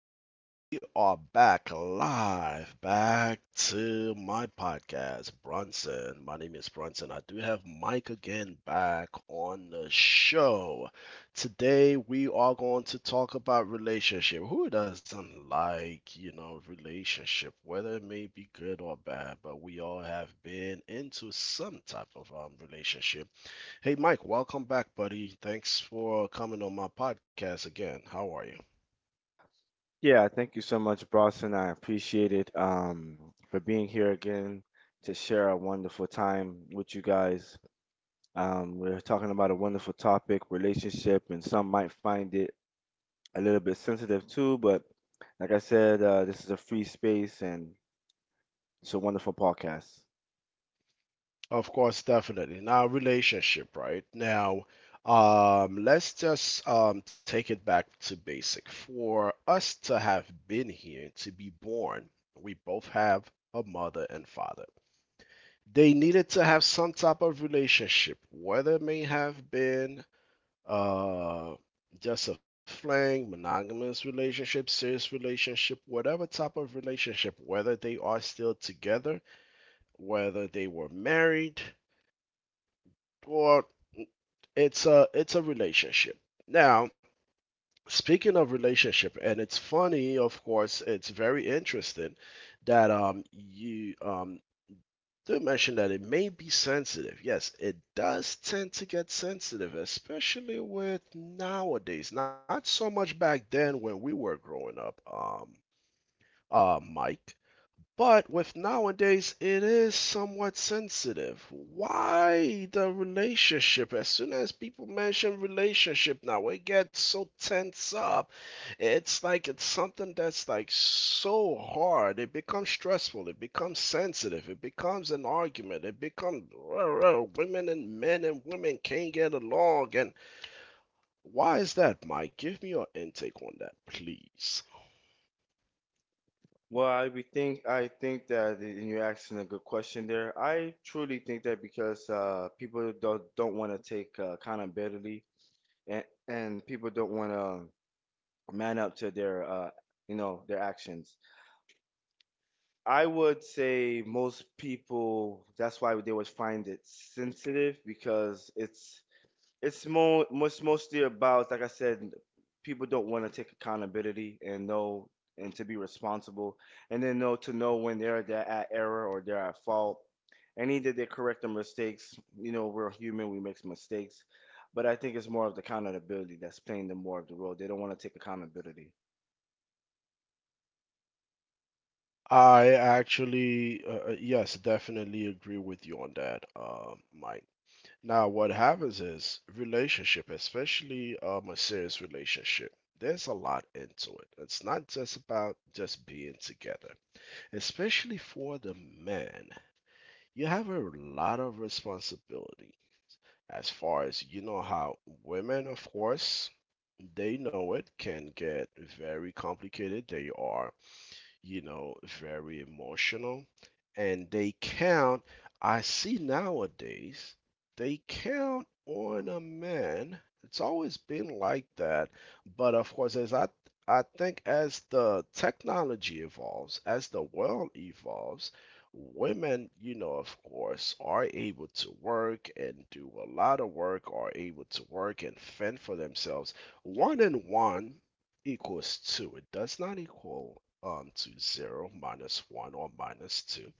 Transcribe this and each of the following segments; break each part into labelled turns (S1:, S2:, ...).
S1: back. We are back live. Back to my podcast, Brunson. My name is Brunson. I do have Mike again back on the show. Today we are going to talk about relationship. Who doesn't like, you know, relationship, whether it may be good or bad, but we all have been into some type of relationship. Hey, Mike, welcome back, buddy. Thanks for coming on my podcast again. How are you?
S2: Yeah, thank you so much, Boston. I appreciate it, for being here again to share a wonderful time with you guys. We're talking about a wonderful topic, relationship, and some might find it a little bit sensitive too, but like I said, this is a free space and it's a wonderful podcast.
S1: Of course, definitely. Now, relationship, right? Now, let's just take it back to basic. For us to have been here, to be born, we both have a mother and father. They needed to have some type of relationship, whether it may have been uh, just a fling, monogamous relationship, serious relationship, whatever type of relationship, whether they are still together, whether they were married or it's a relationship. Now, speaking of relationship, and it's funny, of course, it's very interesting that you do mention that it may be sensitive. Yes, it does tend to get sensitive, especially with nowadays. Not so much back then when we were growing up, Mike. But with nowadays, it is somewhat sensitive. Why the relationship? As soon as people mention relationship now, it gets so tense up. It's like it's something that's like so hard. It becomes stressful. It becomes sensitive. It becomes an argument. It becomes women and men and women can't get along. And why is that, Mike? Give me your intake on that, please.
S2: Well, I think that, and you're asking a good question there. I truly think that because people don't want to take accountability, and people don't want to man up to their you know their actions. I would say most people, that's why they would find it sensitive, because it's more most mostly about, like I said, people don't want to take accountability and know and to be responsible, and then know when they're at error or they're at fault, and either they correct their mistakes. You know, we're human, we make mistakes, but I think it's more of the accountability that's playing them more of the role. They don't want to take accountability.
S1: I actually, yes, definitely agree with you on that, Mike. Now, what happens is relationship, especially a serious relationship, there's a lot into it. It's not just about just being together, especially for the man. You have a lot of responsibility as far as you know how women, of course, they know it can get very complicated. They are, you know, very emotional. And they count, I see nowadays, they count on a man. It's always been like that. But of course, as I think as the technology evolves, as the world evolves, women, you know, of course, are able to work and do a lot of work, are able to work and fend for themselves. One and one equals 2. It does not equal to 0, minus 1, or minus 2.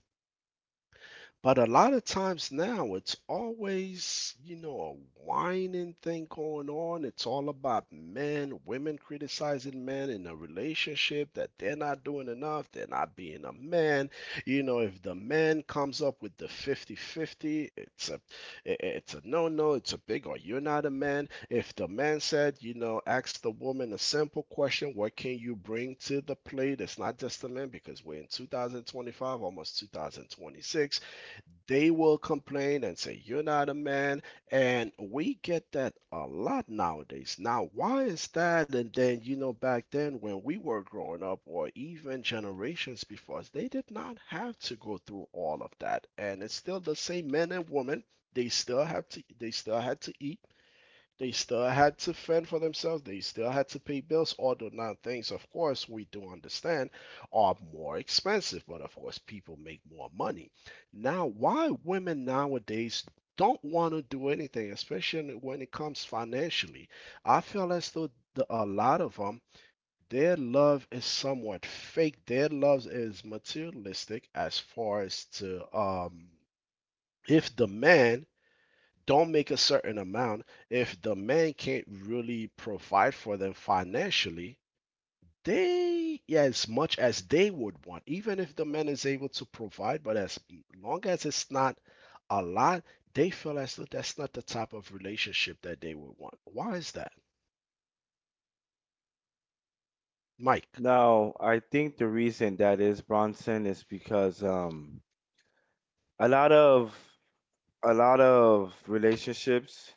S1: But a lot of times now, it's always, you know, a whining thing going on. It's all about men, women criticizing men in a relationship that they're not doing enough, they're not being a man. You know, if the man comes up with the 50-50, its a it's a no-no, it's a big or you're not a man. If the man said, you know, ask the woman a simple question, what can you bring to the plate? It's not just the man because we're in 2025, almost 2026. They will complain and say you're not a man, and we get that a lot nowadays. Now, why is that? And then, you know, back then when we were growing up or even generations before us, they did not have to go through all of that, and it's still the same men and women. They still had to eat, they still had to fend for themselves. They still had to pay bills, although now things, of course, we do understand are more expensive, but of course, people make more money. Now, why women nowadays don't want to do anything, especially when it comes financially, I feel as though a lot of them, their love is somewhat fake. Their love is materialistic as far as to, if the man don't make a certain amount, if the man can't really provide for them financially, they, yeah, as much as they would want, even if the man is able to provide, but as long as it's not a lot, they feel as though that's not the type of relationship that they would want. Why is that, Mike?
S2: No, I think the reason that is, Bronson, is because a lot of a lot of relationships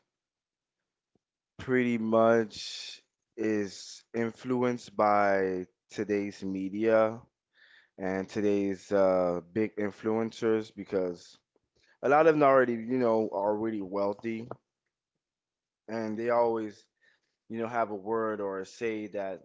S2: pretty much is influenced by today's media and today's big influencers, because a lot of them already, you know, are really wealthy, and they always, you know, have a word or a say that,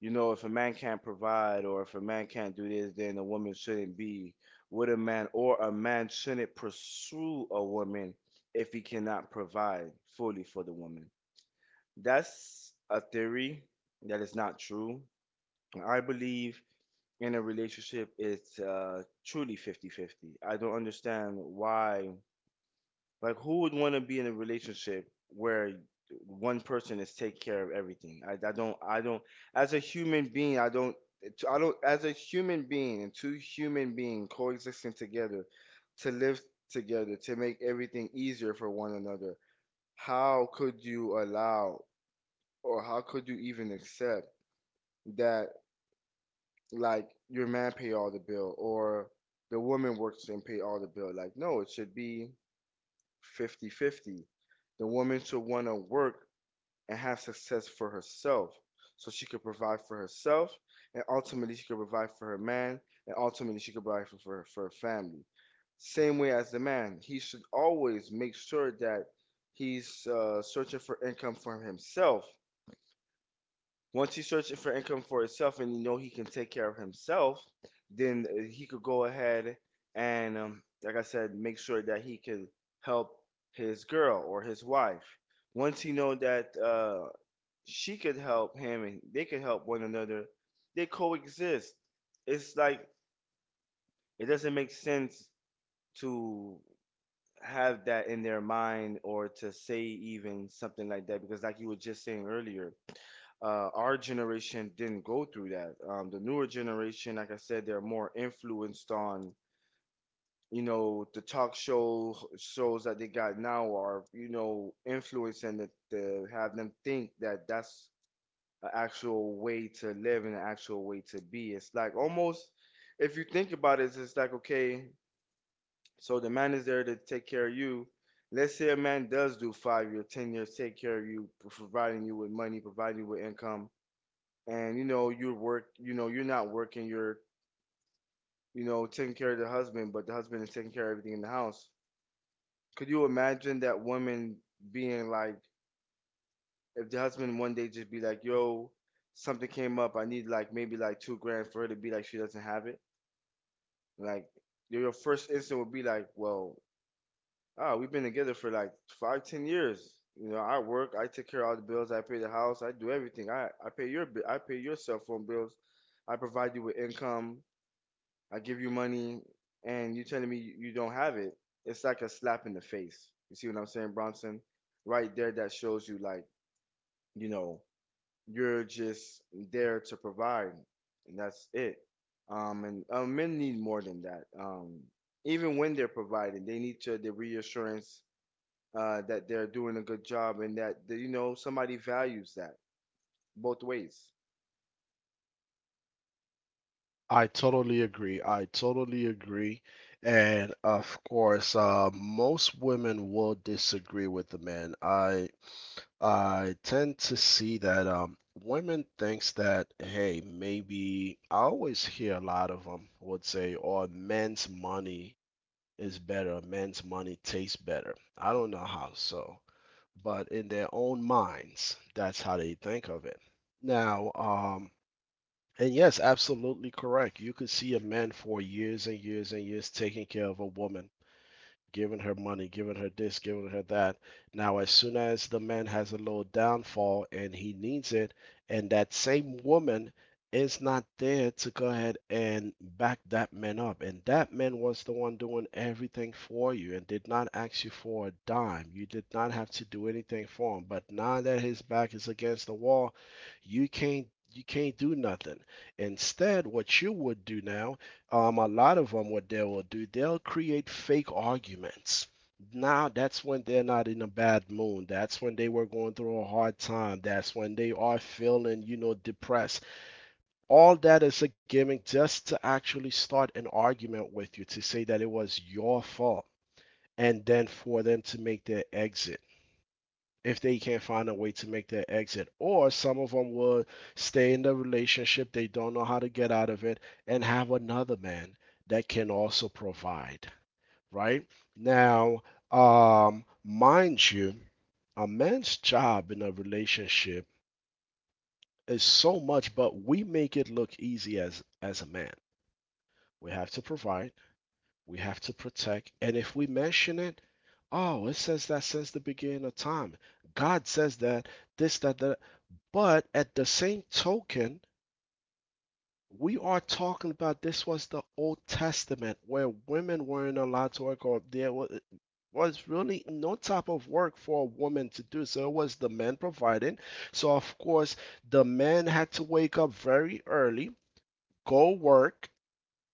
S2: you know, if a man can't provide or if a man can't do this, then a woman shouldn't be with a man, or a man shouldn't pursue a woman if he cannot provide fully for the woman. That's a theory that is not true. I believe in a relationship, it's truly 50-50. I don't understand why, like, who would want to be in a relationship where one person is take care of everything? I don't, As a human being, I don't, as a human being and two human beings coexisting together to live together, to make everything easier for one another, how could you allow or how could you even accept that, like, your man pay all the bill or the woman works and pay all the bill? Like, no, it should be 50 50. The woman should want to work and have success for herself so she could provide for herself, and ultimately she could provide for her man, and ultimately she could provide for, her family. Same way as the man, he should always make sure that he's searching for income for himself. Once he's searching for income for himself and you know he can take care of himself, then he could go ahead and, like I said, make sure that he could help his girl or his wife. Once he know that she could help him and they could help one another, they coexist. It's like it doesn't make sense to have that in their mind or to say even something like that because, like you were just saying earlier, our generation didn't go through that. The newer generation, like I said, they're more influenced on, you know, the talk show shows that they got now are, you know, influencing that to have them think that that's an actual way to live and an actual way to be. It's like, almost, if you think about it, it's like, okay, so the man is there to take care of you. Let's say a man does do 5 year, 10 years, take care of you, providing you with money, providing you with income, and you know you work, you know you're not working, you're, you know, taking care of the husband, but the husband is taking care of everything in the house. Could you imagine that woman being like, if the husband one day just be like, yo, something came up, I need like maybe like 2 grand, for her to be like she doesn't have it? Like, your first instinct would be like, well, ah, we've been together for like 5 10 years, you know, I work, I take care of all the bills, I pay the house, I do everything, I pay your I pay your cell phone bills, I provide you with income, I give you money, and you telling me you don't have it. It's like a slap in the face. You see what I'm saying, Bronson? Right there, that shows you like, you know, you're just there to provide, and that's it. And Men need more than that. Even when they're providing, they need to the reassurance that they're doing a good job and that you know somebody values that, both ways.
S1: I totally agree. I totally agree. And of course, most women will disagree with the man. I tend to see that women thinks that, hey, maybe, I always hear a lot of them would say, "Oh, men's money is better, men's money tastes better." I don't know how so, but in their own minds, that's how they think of it. Now, and yes, absolutely correct. You could see a man for years and years and years taking care of a woman, giving her money, giving her this, giving her that. Now, as soon as the man has a little downfall and he needs it, and that same woman is not there to go ahead and back that man up, and that man was the one doing everything for you and did not ask you for a dime, you did not have to do anything for him. But now that his back is against the wall, you can't. You can't do nothing. Instead, what you would do now, a lot of them, what they will do, they'll create fake arguments. Now, that's when they're not in a bad mood. That's when they were going through a hard time. That's when they are feeling, you know, depressed. All that is a gimmick just to actually start an argument with you to say that it was your fault and then for them to make their exit if they can't find a way to make their exit. Or some of them will stay in the relationship, they don't know how to get out of it, and have another man that can also provide, right? Now, mind you, a man's job in a relationship is so much, but we make it look easy as a man. We have to provide, we have to protect, and if we mention it, oh, it says that since the beginning of time. God says that this, that, that. But at the same token, we are talking about this was the Old Testament where women weren't allowed to work, or there was really no type of work for a woman to do. So it was the men providing. So, of course, the men had to wake up very early, go work,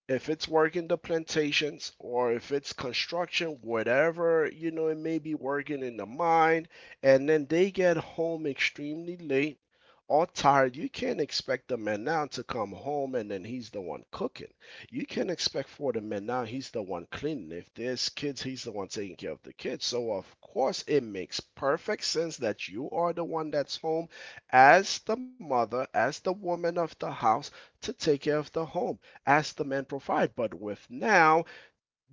S1: if it's working the plantations or if it's construction, whatever, you know, it may be working in the mine, and then they get home extremely late or tired. You can't expect the man now to come home and then he's the one cooking. You can not expect for the man now he's the one cleaning. If there's kids, he's the one taking care of the kids. So of course it makes perfect sense that you are the one that's home as the mother, as the woman of the house, to take care of the home as the men provide. But with now,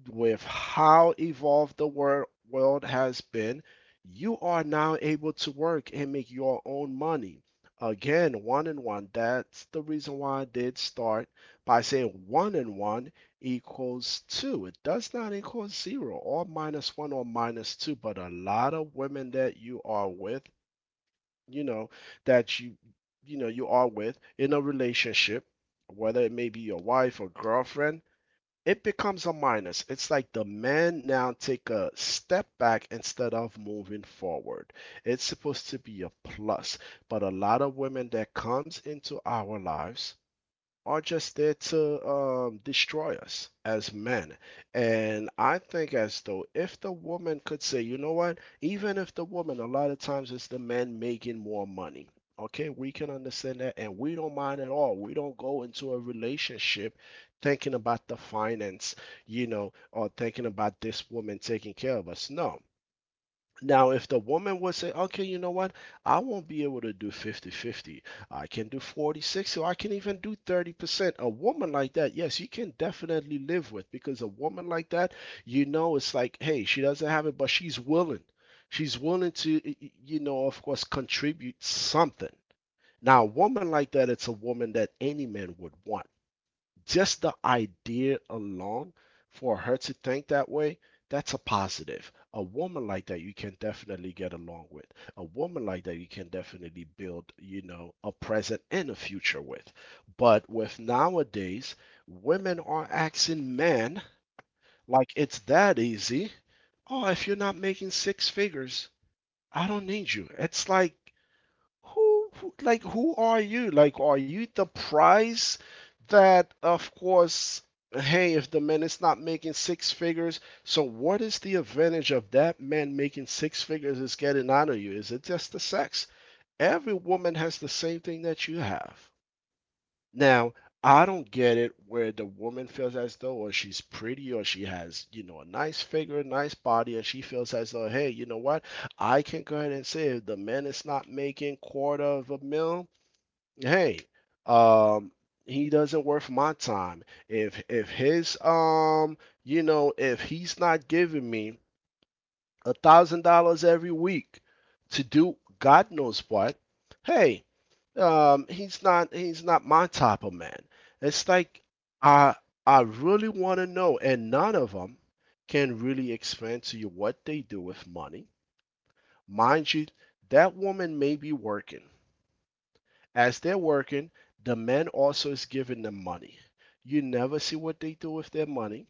S1: with how evolved the world has been, you are now able to work and make your own money. Again, one and one. That's the reason why I did start by saying one and one equals two. It does not equal zero or minus one or minus two, but a lot of women that you are with, you know, that you know you are with in a relationship, whether it may be your wife or girlfriend, it becomes a minus. It's like the men now take a step back instead of moving forward. It's supposed to be a plus, but a lot of women that comes into our lives are just there to destroy us as men. And I think as though if the woman could say, you know what, even if the woman, a lot of times it's the men making more money. Okay, we can understand that, and we don't mind at all. We don't go into a relationship thinking about the finance, you know, or thinking about this woman taking care of us. No, now, if the woman would say, okay, you know what? I won't be able to do 50-50. I can do 40/60, or I can even do 30%. A woman like that, yes, you can definitely live with, because a woman like that, you know, it's like, hey, she doesn't have it, but she's willing. She's willing to, you know, of course, contribute something. Now, a woman like that, it's a woman that any man would want. Just the idea alone for her to think that way, that's a positive. A woman like that you can definitely get along with. A woman like that you can definitely build, you know, a present and a future with. But with nowadays, women are asking men like it's that easy. Oh, if you're not making six figures, I don't need you. It's like like, who are you? Like are you the prize? That of course Hey, if the man is not making six figures, so what is the advantage of that man making six figures? Is getting out of you? Is it just the sex? Every woman has the same thing that you have. Now, I don't get it where the woman feels as though, or she's pretty, or she has, you know, a nice figure, nice body, and she feels as though, hey, you know what? I can go ahead and say if the man is not making quarter of a mil, hey, um, he doesn't worth my time. If his you know, if he's not giving me $1,000 every week to do God knows what, hey, he's not, he's not my type of man. It's like I I really want to know, and none of them can really explain to you what they do with money. Mind you, that woman may be working. As they're working, the man also is giving them money. You never see what they do with their money.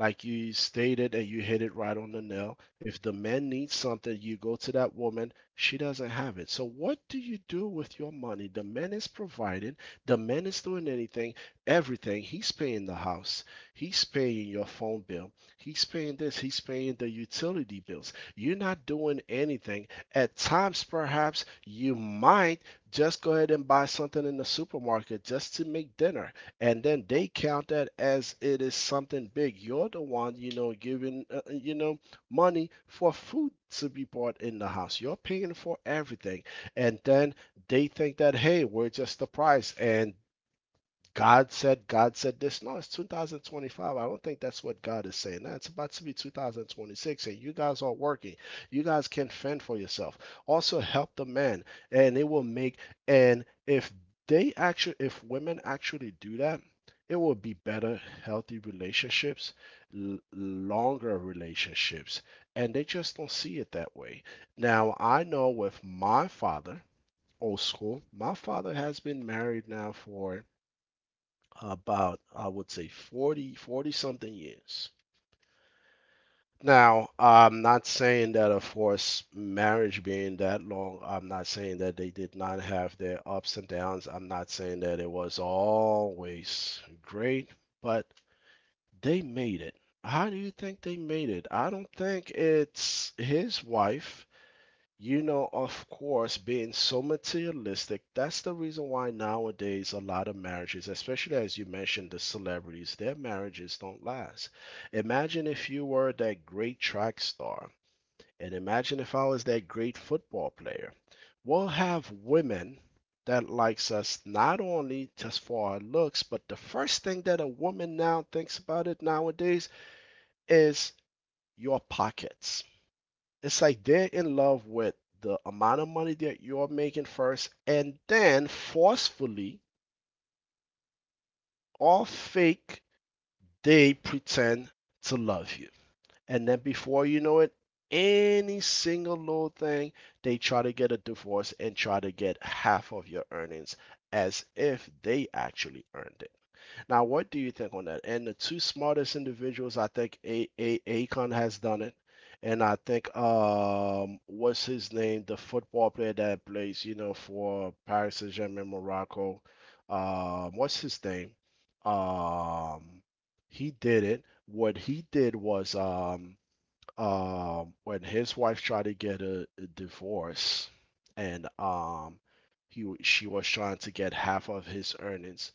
S1: Like you stated, and you hit it right on the nail. If the man needs something, you go to that woman, she doesn't have it. So, what do you do with your money? The man is providing, the man is doing anything, everything. He's paying the house, he's paying your phone bill, he's paying this, he's paying the utility bills. You're not doing anything. At times, perhaps, you might just go ahead and buy something in the supermarket just to make dinner, and then they count that as it is something big. You're the one, you know, giving, you know, money for food to be bought in the house. You're paying for everything, and then they think that, hey, we're just the price, and God said this. No, it's 2025. I don't think that's what God is saying. Now, it's about to be 2026, and you guys are working. You guys can fend for yourself. Also, help the man, and it will make. And if they actually, if women actually do that, it will be better, healthy relationships, longer relationships, and they just don't see it that way. Now, I know with my father, old school, my father has been married now for about, I would say, forty something years. Now, I'm not saying that of course marriage being that long, I'm not saying that they did not have their ups and downs. I'm not saying that it was always great, but they made it. How do you think they made it? I don't think it's his wife, you know, of course, being so materialistic, that's the reason why nowadays a lot of marriages, especially as you mentioned the celebrities, their marriages don't last. Imagine if you were that great track star, and imagine if I was that great football player. We'll have women that likes us not only just for our looks, but the first thing that a woman now thinks about it nowadays is your pockets. It's like they're in love with the amount of money that you're making first, and then forcefully, or fake, they pretend to love you. And then before you know it, any single little thing, they try to get a divorce and try to get half of your earnings as if they actually earned it. Now, what do you think on that? And the two smartest individuals, I think A Akon has done it, and I think what's his name, the football player that plays, you know, for Paris Saint-Germain, Morocco. What's his name? Um, he did it. What he did was when his wife tried to get a divorce, and she was trying to get half of his earnings.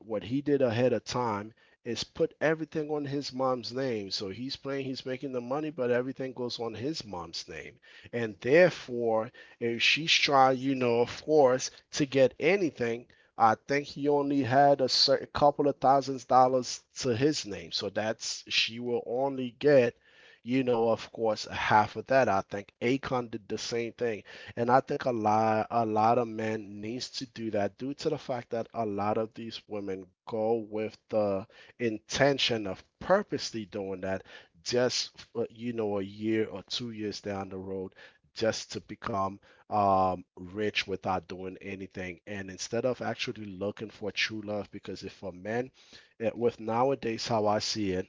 S1: What he did ahead of time is put everything on his mom's name. So he's playing, he's making the money, but everything goes on his mom's name. And therefore, if she's trying, you know, of course, to get anything, I think he only had a certain couple of thousands dollars to his name. So that's she will only get, you know, of course, half of that. I think Akon did the same thing. And I think a lot of men needs to do that due to the fact that a lot of these women go with the intention of purposely doing that just for, you know, a year or 2 years down the road just to become rich without doing anything. And instead of actually looking for true love, because if for men, with nowadays how I see it,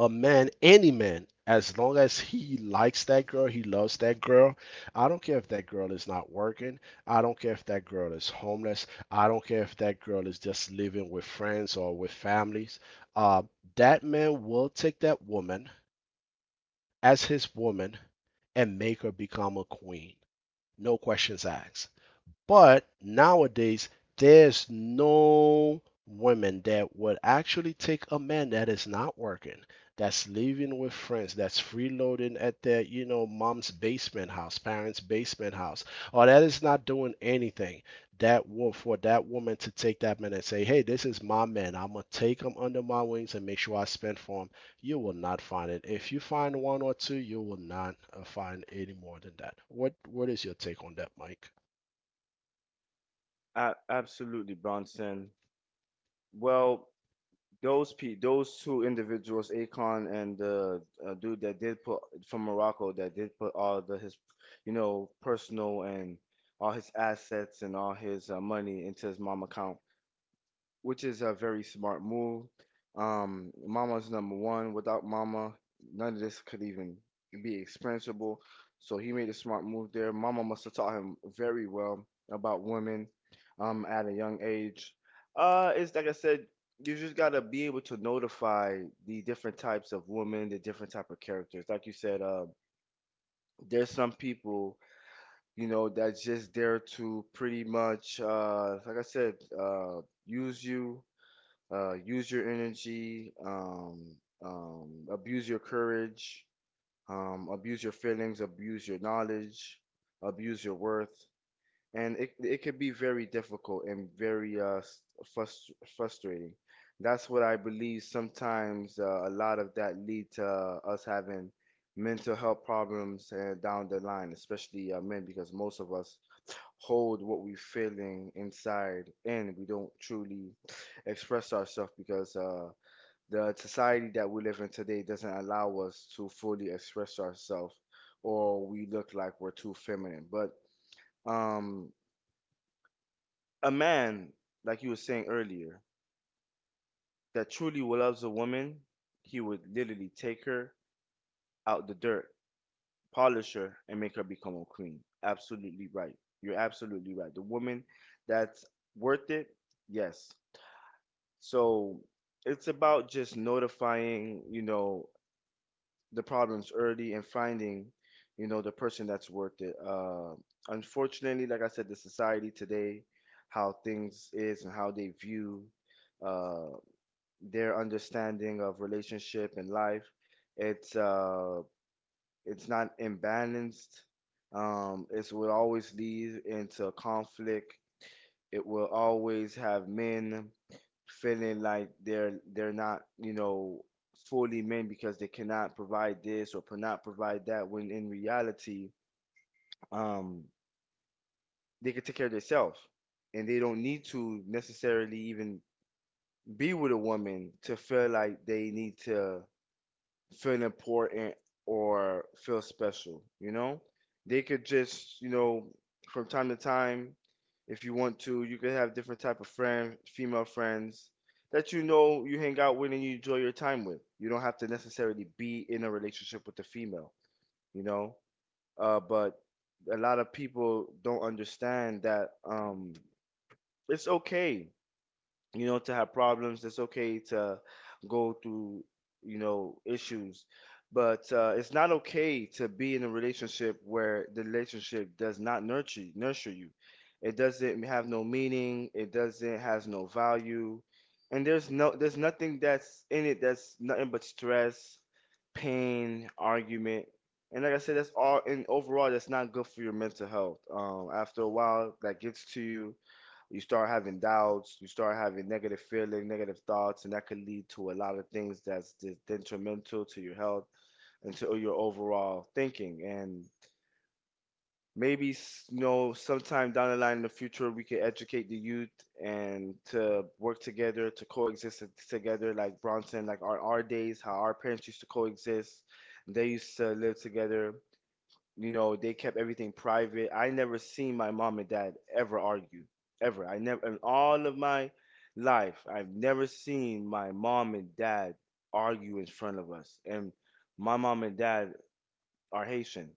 S1: a man, any man, as long as he likes that girl, he loves that girl. I don't care if that girl is not working. I don't care if that girl is homeless. I don't care if that girl is just living with friends or with families. Uh, that man will take that woman as his woman and make her become a queen. No questions asked. But nowadays, there's no women that would actually take a man that is not working, that's living with friends, that's freeloading at their, you know, mom's basement house, parents' basement house, or that is not doing anything. That will, for that woman to take that man and say, "Hey, this is my man. I'm gonna take him under my wings and make sure I spend for him." You will not find it. If you find one or two, you will not find any more than that. What is your take on that, Mike?
S2: A- absolutely, Bronson. Well, those two individuals, Akon and the dude that did put from Morocco that did put all the his, you know, personal and all his assets and all his money into his mom account, which is a very smart move. Mama's number one. Without Mama, none of this could even be expensible. So he made a smart move there. Mama must have taught him very well about women at a young age. It's like I said, you just gotta be able to notify the different types of women, the different type of characters. Like you said, there's some people, you know, that's just there to pretty much, like I said, uh, use you, use your energy, abuse your courage, abuse your feelings, abuse your knowledge, abuse your worth, and it can be very difficult and very frustrating. That's what I believe. Sometimes a lot of that lead to us having mental health problems down the line, especially men, because most of us hold what we're feeling inside, and we don't truly express ourselves, because the society that we live in today doesn't allow us to fully express ourselves, or we look like we're too feminine. But um, a man, like you were saying earlier, that truly loves a woman, he would literally take her out the dirt, polish her, and make her become a queen. Absolutely right. You're absolutely right. The woman that's worth it, yes. So it's about just notifying, you know, the problems early, and finding, you know, the person that's worth it. Unfortunately, like I said, the society today, how things is and how they view uh, their understanding of relationship and life, it's uh, it's not imbalanced. It's will always lead into conflict. It will always have men feeling like they're not, you know, fully men, because they cannot provide this or cannot provide that, when in reality, um they can take care of themselves, and they don't need to necessarily even be with a woman to feel like they need to feel important or feel special, you know? They could just, you know, from time to time, if you want to, you could have different type of female friends that you know you hang out with and you enjoy your time with. You don't have to necessarily be in a relationship with the female, you know? But a lot of people don't understand that, it's okay, you know, to have problems. It's okay to go through, you know, issues. But it's not okay to be in a relationship where the relationship does not nurture you. It doesn't have no meaning, it doesn't has no value, and there's there's nothing that's in it that's nothing but stress, pain, argument, and, like I said, that's all. And overall, that's not good for your mental health. After a while, that gets to you, you start having doubts, you start having negative feelings, negative thoughts, and that could lead to a lot of things that's detrimental to your health and to your overall thinking. And maybe, you know, sometime down the line in the future, we could educate the youth and to work together to coexist together, like, Bronson, like our days, how our parents used to coexist. They used to live together, you know, they kept everything private. I never seen my mom and dad ever argue, ever. I never, in all of my life, I've never seen my mom and dad argue in front of us. And my mom and dad are Haitian,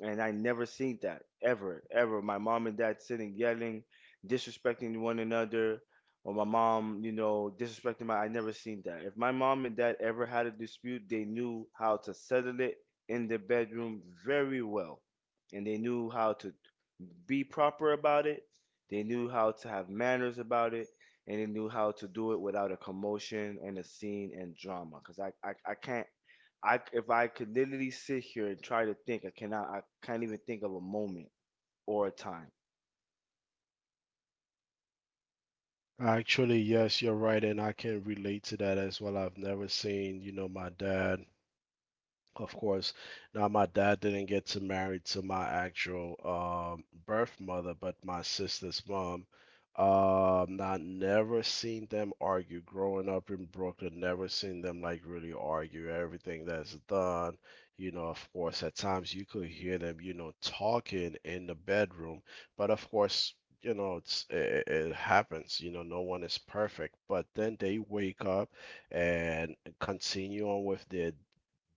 S2: and I never seen that, ever, ever. My mom and dad sitting yelling, disrespecting one another, or my mom, you know, disrespecting my. I never seen that. If my mom and dad ever had a dispute, they knew how to settle it in the bedroom very well, and they knew how to be proper about it. They knew how to have manners about it, and they knew how to do it without a commotion and a scene and drama. Cause I can't I if I could literally sit here and try to think, I cannot. I can't even think of a moment or a time.
S1: Actually, yes, you're right, and I can relate to that as well. I've never seen, you know, my dad, of course. Now, my dad didn't get to marry to my actual birth mother, but my sister's mom. I never seen them argue. Growing up in Brooklyn, never seen them like really argue. Everything that's done, you know, of course, at times you could hear them, you know, talking in the bedroom. But of course, you know, it happens. You know, no one is perfect. But then they wake up and continue on with their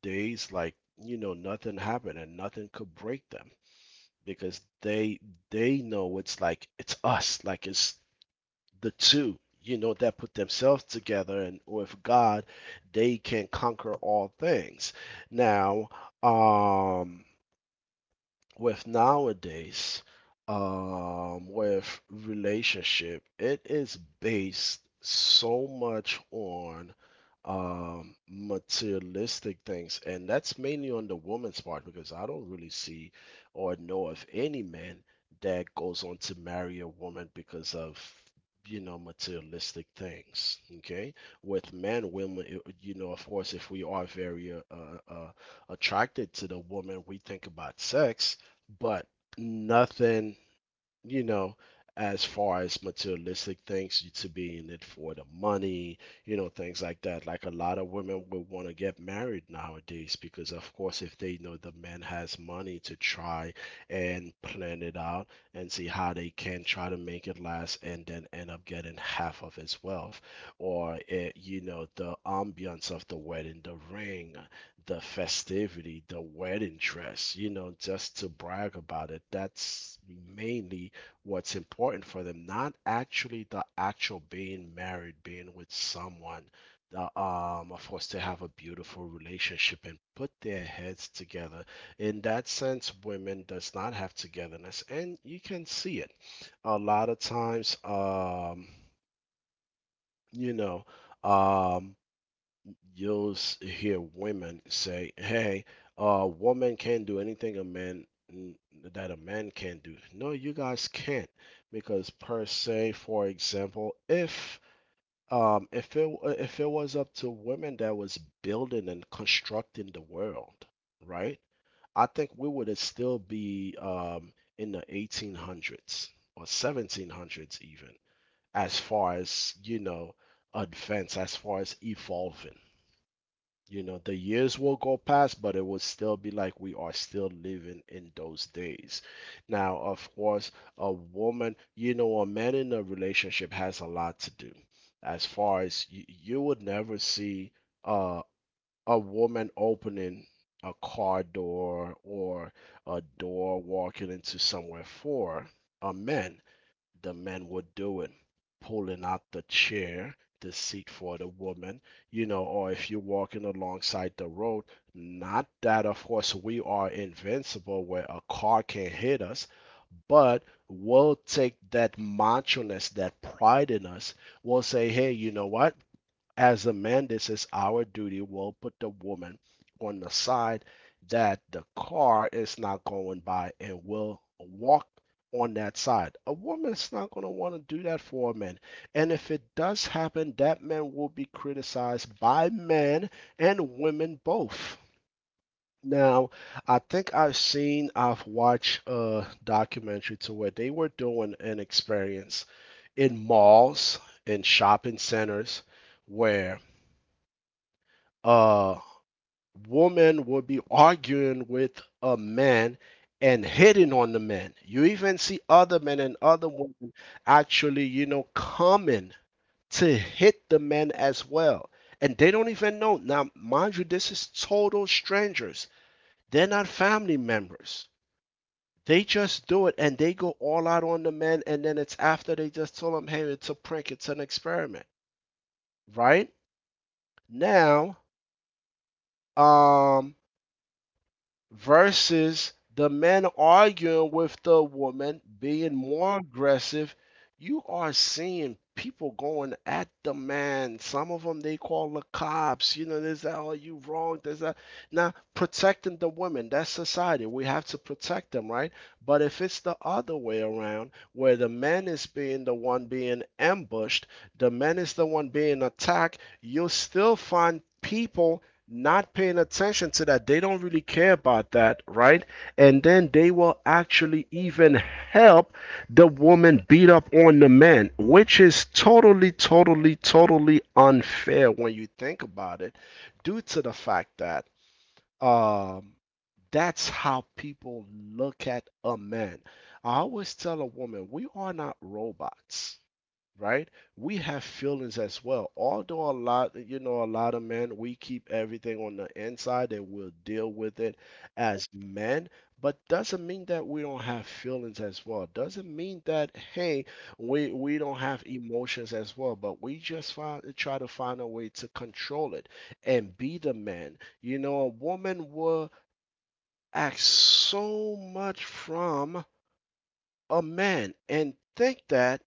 S1: days like, you know, nothing happened and nothing could break them, because they know, it's like, it's us, like, it's the two, you know, that put themselves together, and with God they can conquer all things. Now, um with nowadays, with relationship, it is based so much on materialistic things, and that's mainly on the woman's part, because I don't really see or know of any man that goes on to marry a woman because of, you know, materialistic things. Okay, with men, women, you know, of course, if we are very attracted to the woman, we think about sex, but nothing, you know, as far as materialistic things, you to be in it for the money, you know, things like that. Like a lot of women would want to get married nowadays because, of course, if they know the man has money, to try and plan it out and see how they can try to make it last and then end up getting half of his wealth, or it, you know, the ambiance of the wedding, the ring, the festivity, the wedding dress, you know, just to brag about it. That's mainly what's important for them, not actually the actual being married, being with someone. The, of course, they have a beautiful relationship and put their heads together. In that sense, women does not have togetherness, and you can see it a lot of times. You know, um, you'll hear women say, "Hey, a woman can't do anything a man that a man can't do." No, you guys can't, because per se, for example, if if it was up to women that was building and constructing the world, right? I think we would still be in the 1800s or 1700s even, as far as, you know, advance, as far as evolving. You know, the years will go past, but it will still be like we are still living in those days. Now, of course, a woman, you know, a man in a relationship has a lot to do. As far as you, would never see uh, a woman opening a car door or a door walking into somewhere for a man. The men were doing, pulling out the chair, the seat for the woman, you know, or if you're walking alongside the road, not that of course we are invincible where a car can hit us, but we'll take that macho ness, that pride in us. We'll say, hey, you know what? As a man, this is our duty. We'll put the woman on the side that the car is not going by, and we'll walk on that side. A woman's not going to want to do that for a man. And if it does happen, that man will be criticized by men and women both. Now, I think I've watched a documentary to where they were doing an experience in malls, in shopping centers, where a woman will be arguing with a man and hitting on the man. You even see other men and other women actually, coming to hit the men as well. And they don't even know. Now, mind you, this is total strangers. They're not family members. They just do it and they go all out on the men. And then it's after they just told them, hey, it's a prank, it's an experiment, right? Now, um, versus the men arguing with the woman being more aggressive, you are seeing people going at the man. Some of them, they call the cops. You know, there's that. Oh, you wrong, there's that. Now, protecting the women, that's society. We have to protect them, right? But if it's the other way around, where the man is being the one being ambushed, the man is the one being attacked, you'll still find people not paying attention to that. They don't really care about that, right? And then they will actually even help the woman beat up on the man, which is totally, totally, totally unfair when you think about it, due to the fact that um, that's how people look at a man. I always tell a woman, we are not robots, right? We have feelings as well. Although a lot of men, we keep everything on the inside and we'll deal with it as men. But doesn't mean that we don't have feelings as well. Doesn't mean that, hey, we don't have emotions as well. But we try to find a way to control it and be the man. You know, a woman will act so much from a man and think that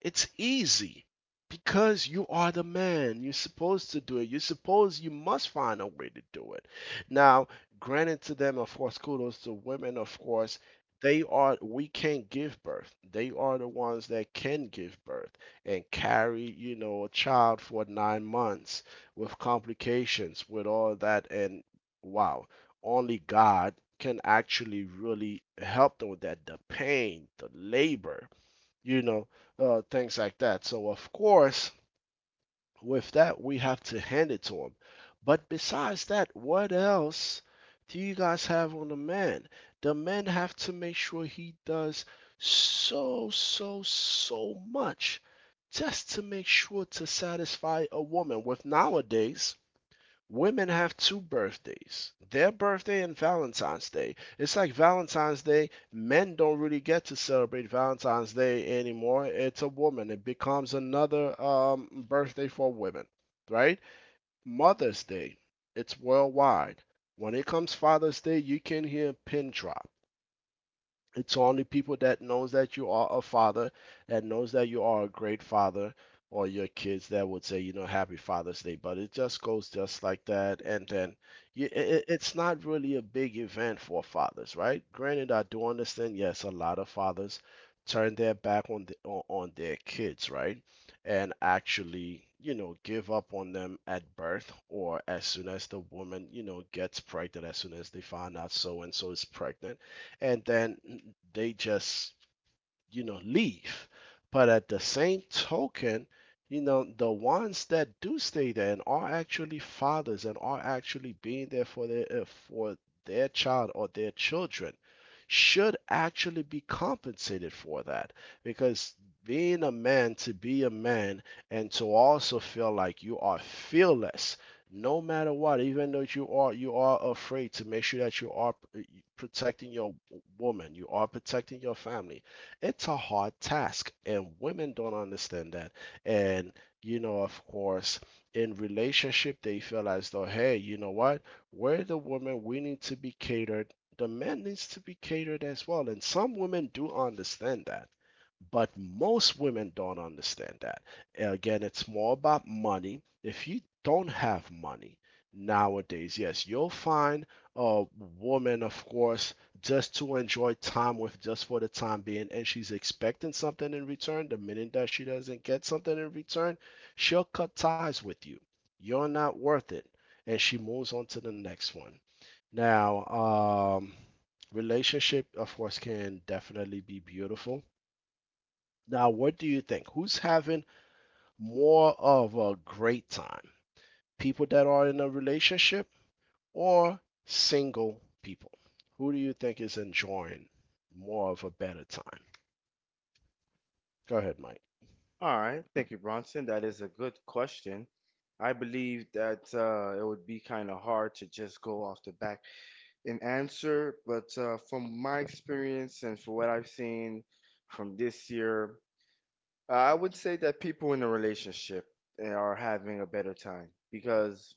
S1: it's easy because you are the man. You're supposed to do it. You must find a way to do it. Now, granted to them, of course, kudos to women, of course. We can't give birth. They are the ones that can give birth and carry, you know, a child for 9 months with complications, with all that. And wow, only God can actually really help them with that. The pain, the labor, you know, things like that. So, of course, with that, we have to hand it to him. But besides that, what else do you guys have on the man? The men have to make sure he does so, so, so much just to make sure to satisfy a woman. With nowadays, women have two birthdays: their birthday and Valentine's Day. It's like Valentine's Day, men don't really get to celebrate Valentine's Day anymore. It's a woman. It becomes another birthday for women, right? Mother's Day, it's worldwide. When it comes Father's Day, you can hear a pin drop. It's only people that knows that you are a father, that knows that you are a great father, or your kids that would say, you know, Happy Father's Day. But it just goes just like that, and then it's not really a big event for fathers, right? Granted, I do understand. Yes, a lot of fathers turn their back on on their kids, right? And actually, you know, give up on them at birth or as soon as the woman, you know, gets pregnant, as soon as they find out so and so is pregnant and then they just leave. But at the same token, you know, the ones that do stay there and are actually fathers and are actually being there for their child or their children should actually be compensated for that because being a man, to be a man, and to also feel like you are fearless no matter what, even though you are afraid, to make sure that you are protecting your woman, you are protecting your family. It's a hard task, and women don't understand that. And, you know, of course, in relationship, they feel as though, hey, you know what, we're the woman, we need to be catered. The man needs to be catered as well, and some women do understand that, but most women don't understand that. And again, it's more about money. If you don't have money nowadays, yes, you'll find a woman, of course, just to enjoy time with, just for the time being, and she's expecting something in return. The minute that she doesn't get something in return, she'll cut ties with you. You're not worth it, and she moves on to the next one. Now, um relationship of course can definitely be beautiful. Now, what do you think, who's having more of a great time, people that are in a relationship or single people? Who do you think is enjoying more of a better time? Go ahead, Mike.
S2: All right, thank you, Bronson. That is a good question. I believe that it would be kind of hard to just go off the back and answer, but from my experience and for what I've seen from this year, I would say that people in a relationship are having a better time because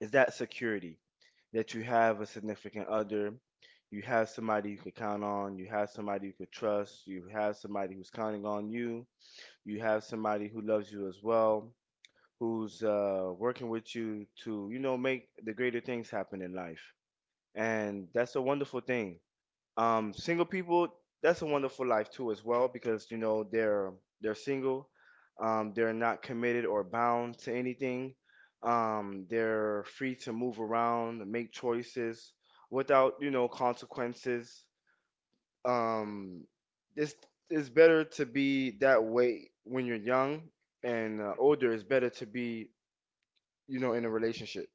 S2: is that security that you have a significant other, you have somebody you can count on, you have somebody you could trust, you have somebody who's counting on you, you have somebody who loves you as well, who's working with you to, you know, make the greater things happen in life. And that's a wonderful thing. Single people, that's a wonderful life too as well because you know they're single, they're not committed or bound to anything. They're free to move around, make choices without, you know, consequences. Um, it's it's better to be that way when you're young and older. It's better to be, you know, in a relationship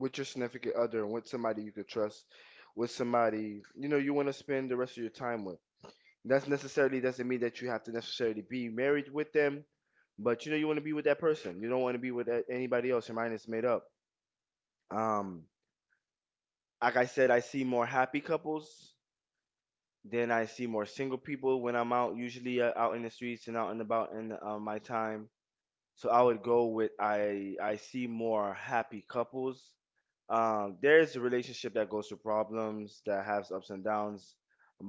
S2: with your significant other and with somebody you could trust, with somebody you know you want to spend the rest of your time with. That's necessarily doesn't mean that you have to necessarily be married with them, but you know you want to be with that person. You don't want to be with anybody else. Your mind is made up. Um, like I said, I see more happy couples than I see more single people when I'm out, usually out in the streets and out and about in my time. So I would go with I see more happy couples. There's a relationship that goes through problems, that has ups and downs,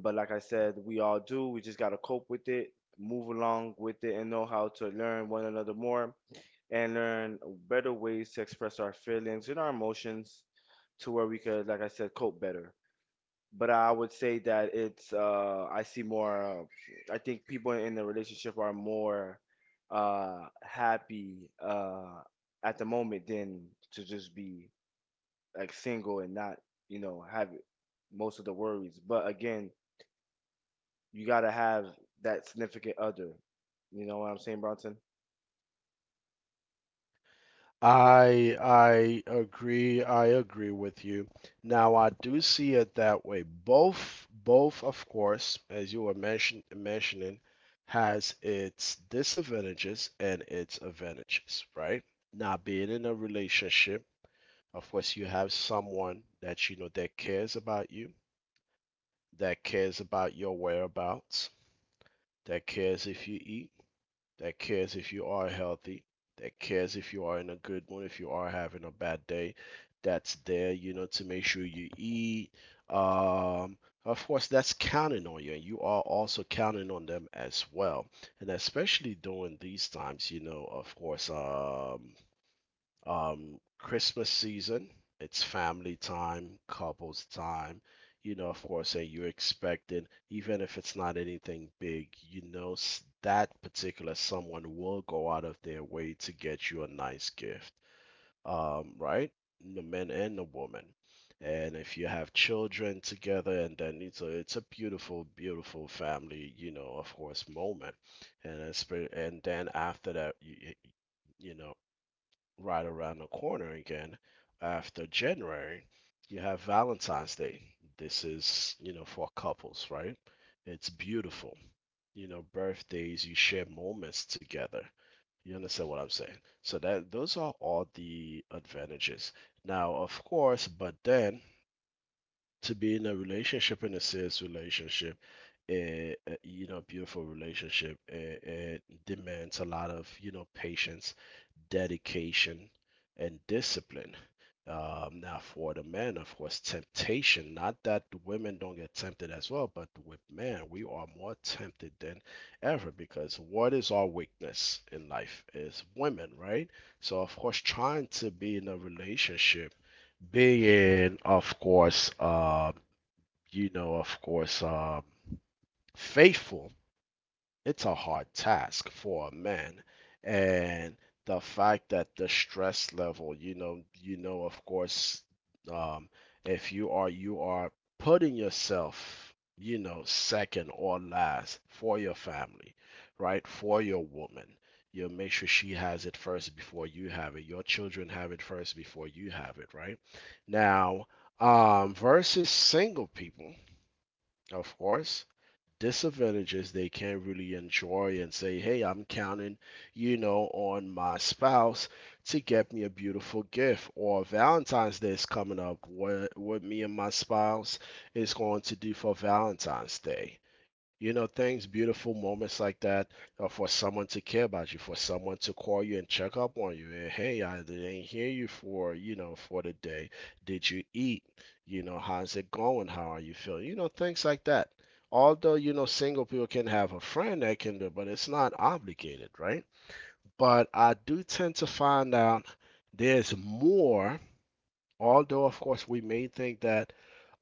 S2: but like I said, we all do. We just gotta cope with it, move along with it, and know how to learn one another more and learn better ways to express our feelings and our emotions to where we could, like I said, cope better. But I would say that it's I see more. I think people in the relationship are more happy at the moment than to just be like single and not, you know, have most of the worries. But again, you gotta have that significant other. You know what I'm saying, Bronson?
S1: I agree. I agree with you. Now I do see it that way. Both of course, as you were mentioning, has its disadvantages and its advantages, right? Now being in a relationship, of course you have someone that you know that cares about you, that cares about your whereabouts, that cares if you eat, that cares if you are healthy, that cares if you are in a good mood, if you are having a bad day, that's there, you know, to make sure you eat. Um, of course, that's counting on you, and you are also counting on them as well. And especially during these times, you know, of course, Christmas season, it's family time, couples time. You know, of course, and you're expecting, even if it's not anything big, you know, that particular someone will go out of their way to get you a nice gift. Right? The men and the woman. And if you have children together, and then it's a beautiful, beautiful family, you know, of course, moment. And then after that, you know, right around the corner again after January, you have Valentine's Day. This is, you know, for couples, right? It's beautiful. You know, birthdays, you share moments together. You understand what I'm saying? So that those are all the advantages. Now, of course, but then to be in a relationship, in a serious relationship, a you know, beautiful relationship, it demands a lot of, you know, patience, dedication and discipline. Now, for the men, of course, temptation, not that the women don't get tempted as well, but with men, we are more tempted than ever because what is our weakness in life is women, right? So, of course, trying to be in a relationship, being, of course, you know, of course, faithful, it's a hard task for a man. And the fact that the stress level, you know, of course, um, if you are putting yourself, you know, second or last for your family, right? For your woman. You make sure she has it first before you have it. Your children have it first before you have it, right? Now, versus single people, of course, disadvantages, they can not really enjoy and say, hey, I'm counting, you know, on my spouse to get me a beautiful gift. Or Valentine's Day is coming up. What me and my spouse is going to do for Valentine's Day. You know, things, beautiful moments like that, for someone to care about you, for someone to call you and check up on you. And, hey, I didn't hear you for the day. Did you eat? You know, how's it going? How are you feeling? You know, things like that, although you know single people can have a friend that can do it, but it's not obligated, right? But I do tend to find out there's more, although of course we may think that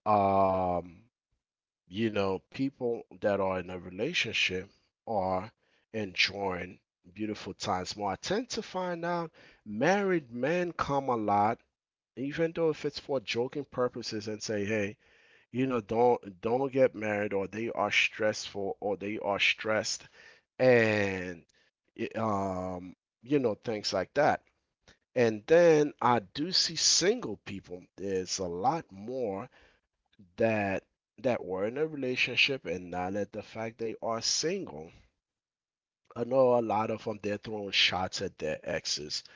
S1: um, you know, people that are in a relationship are enjoying beautiful times more. I tend to find out married men come a lot, even though if it's for joking purposes and say, hey, you know, don't get married or they are stressful or they are stressed and it, um you know, things like that. And then I do see single people, there's a lot more that that were in a relationship and now that the fact they are single, I know a lot of them, they're throwing shots at their exes,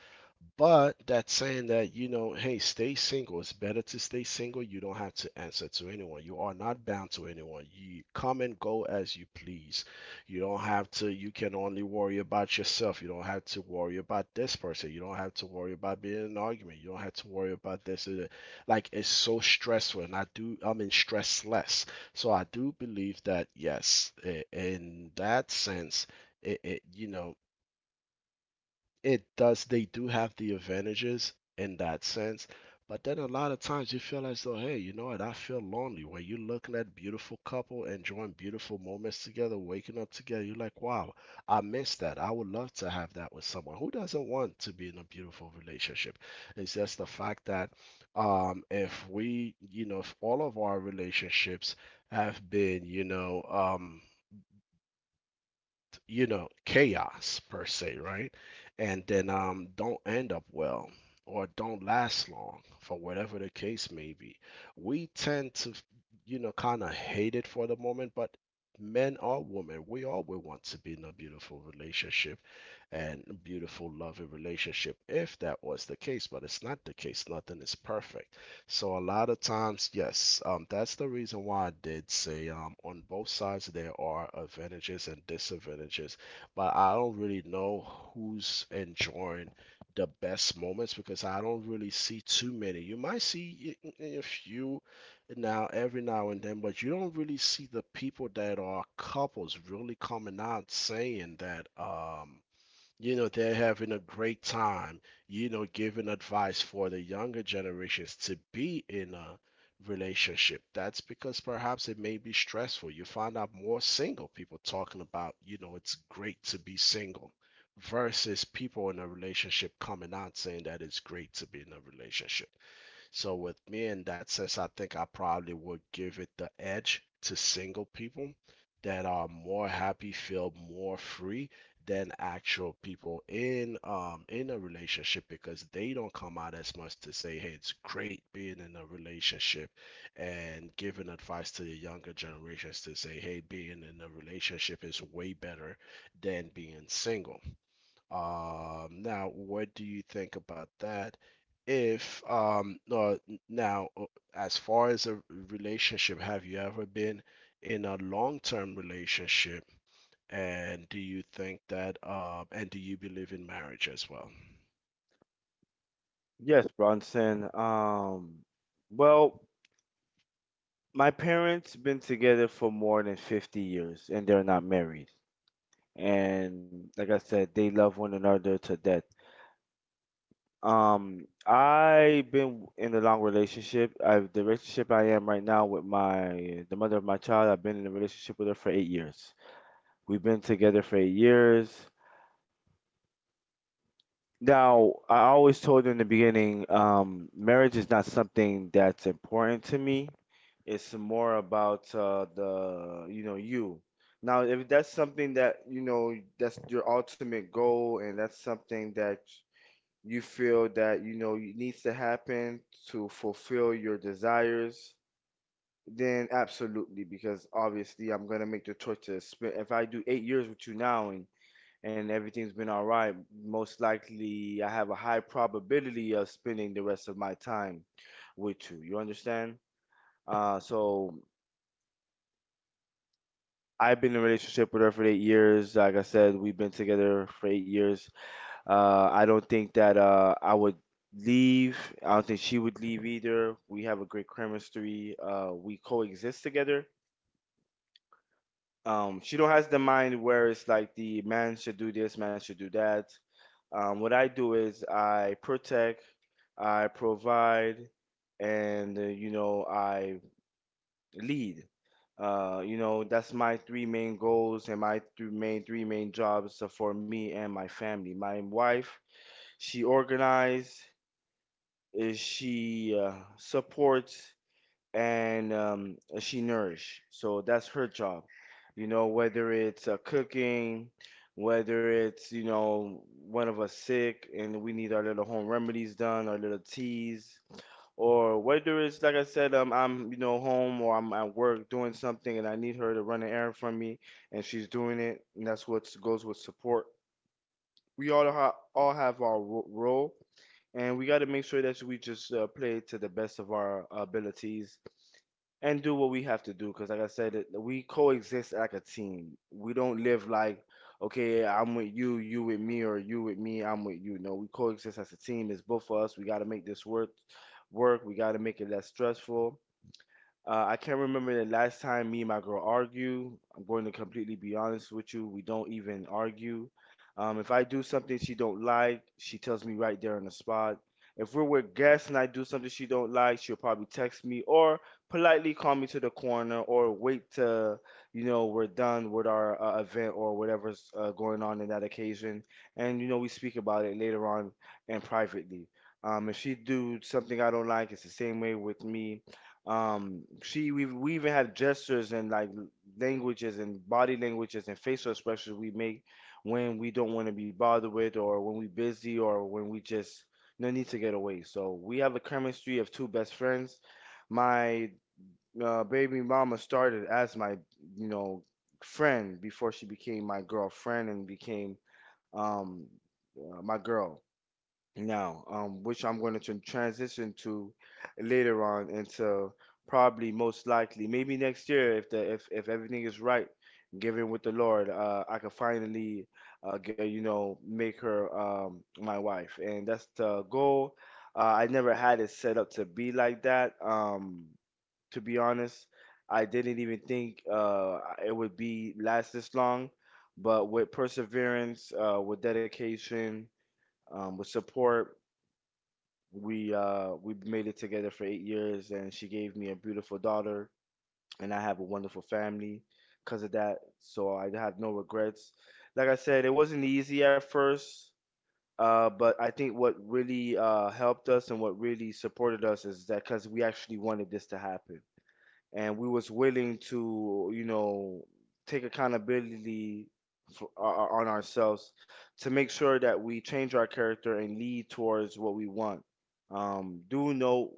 S1: but that's saying that, you know, hey, stay single. It's better to stay single. You don't have to answer to anyone. You are not bound to anyone. You come and go as you please. You don't have to, you can only worry about yourself. You don't have to worry about this person. You don't have to worry about being in an argument. You don't have to worry about this. Like, it's so stressful. And I mean, stress less. So I do believe that, yes, in that sense, it you know, it does they do have the advantages in that sense, but then a lot of times you feel as though, hey, you know what I feel lonely. When you're looking at beautiful couple enjoying beautiful moments together, waking up together, you're like, wow, I miss that. I would love to have that with someone. Who doesn't want to be in a beautiful relationship? It's just the fact that if we you know if all of our relationships have been, chaos per se, right? And then, don't end up well or don't last long, for whatever the case may be. We tend to, kind of hate it for the moment, but men or women, we all will want to be in a beautiful relationship and a beautiful, loving relationship, if that was the case, but it's not the case. Nothing is perfect. So a lot of times, yes, that's the reason why I did say, on both sides there are advantages and disadvantages, but I don't really know who's enjoying the best moments, because I don't really see too many. You might see a few now, every now and then, but you don't really see the people that are couples really coming out saying that. You know, they're having a great time, you know, giving advice for the younger generations to be in a relationship. That's because perhaps it may be stressful. You find out more single people talking about, you know, it's great to be single, versus people in a relationship coming out saying that it's great to be in a relationship. So with me, in that sense, I think I probably would give it the edge to single people that are more happy, feel more free, than actual people in in a relationship, because they don't come out as much to say, hey, it's great being in a relationship, and giving advice to the younger generations to say, hey, being in a relationship is way better than being single. Now, what do you think about that? If no, now, as far as a relationship, have you ever been in a long-term relationship? And do you think that, and do you believe in marriage as well?
S2: Yes, Bronson. Well, my parents been together for more than 50 years and they're not married. And like I said, they love one another to death. I've been in a long relationship. I the relationship I am right now with my the mother of my child, I've been in a relationship with her for 8 years. We've been together for 8 years. Now, I always told her in the beginning, marriage is not something that's important to me. It's more about you know, you. Now, if that's something that, you know, that's your ultimate goal and that's something that you feel that, you know, needs to happen to fulfill your desires, then absolutely, because obviously I'm gonna make the choice to spend, if I do 8 years with you now and everything's been all right, most likely I have a high probability of spending the rest of my time with you. You understand? So I've been in a relationship with her for 8 years. Like I said, we've been together for 8 years. I don't think that I would leave. I don't think she would leave either. We have a great chemistry. We coexist together. She don't has the mind where it's like the man should do this, man should do that. What I do is I protect, I provide, and you know I lead. You know that's my three main goals and my three main jobs for me and my family. My wife, she organize, she supports, and she nourish. So that's her job. You know, whether it's cooking, whether it's, you know, one of us sick and we need our little home remedies done, our little teas, or whether it's, like I said, I'm, you know, home or I'm at work doing something and I need her to run an errand for me and she's doing it. And that's what goes with support. We all have our role and we got to make sure that we just play to the best of our abilities and do what we have to do. Because, like I said, we coexist like a team. We don't live like, okay, I'm with you, you with me, or you with me, I'm with you. No, we coexist as a team. It's both of us. We got to make this work. We got to make it less stressful. I can't remember the last time me and my girl argue. I'm going to completely be honest with you. We don't even argue. If I do something she don't like, she tells me right there on the spot. If we're with guests and I do something she don't like, she'll probably text me or politely call me to the corner or wait till, you know, we're done with our event or whatever's going on in that occasion, and you know we speak about it later on and privately. If she do something I don't like, it's the same way with me. She we even have gestures and like languages and body languages and facial expressions we make when we don't want to be bothered with or when we're busy or when we just no need to get away. So we have a chemistry of two best friends. My baby mama started as my, you know, friend before she became my girlfriend and became um my girl now, which I'm going to transition to later on into probably most likely, maybe next year if the if everything is right, given with the Lord, I could finally, get, you know, make her my wife, and that's the goal. I never had it set up to be like that. To be honest, I didn't even think it would be last this long, but with perseverance, with dedication, with support. We made it together for 8 years, and she gave me a beautiful daughter, and I have a wonderful family because of that. So I have no regrets. Like I said, it wasn't easy at first, but I think what really helped us and what really supported us is that because we actually wanted this to happen and we was willing to, you know, take accountability for, uh, uh, on ourselves to make sure that we change our character and lead towards what we want. Do know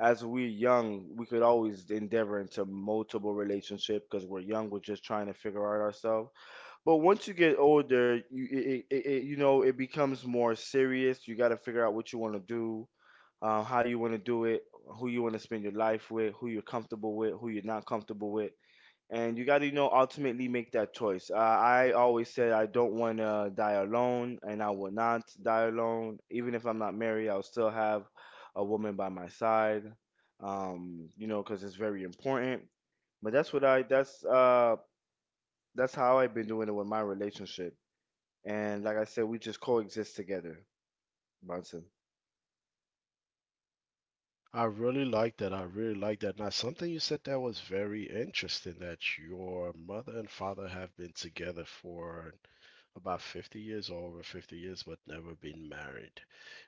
S2: as we're young we could always endeavor into multiple relationship because we're young we're just trying to figure out ourselves, but once you get older you you know it becomes more serious. You got to figure out what you want to do, how you want to do it, who you want to spend your life with, who you're comfortable with, who you're not comfortable with, and you got to, you know, ultimately make that choice. I always said I don't want to die alone, and I will not die alone. Even if I'm not married, I'll still have a woman by my side, you know, because it's very important. But that's how I've been doing it with my relationship. And like I said, we just coexist together, Bronson.
S1: I really like that. I really like that. Now, something you said that was very interesting, that your mother and father have been together for about 50 years, or over 50 years, but never been married.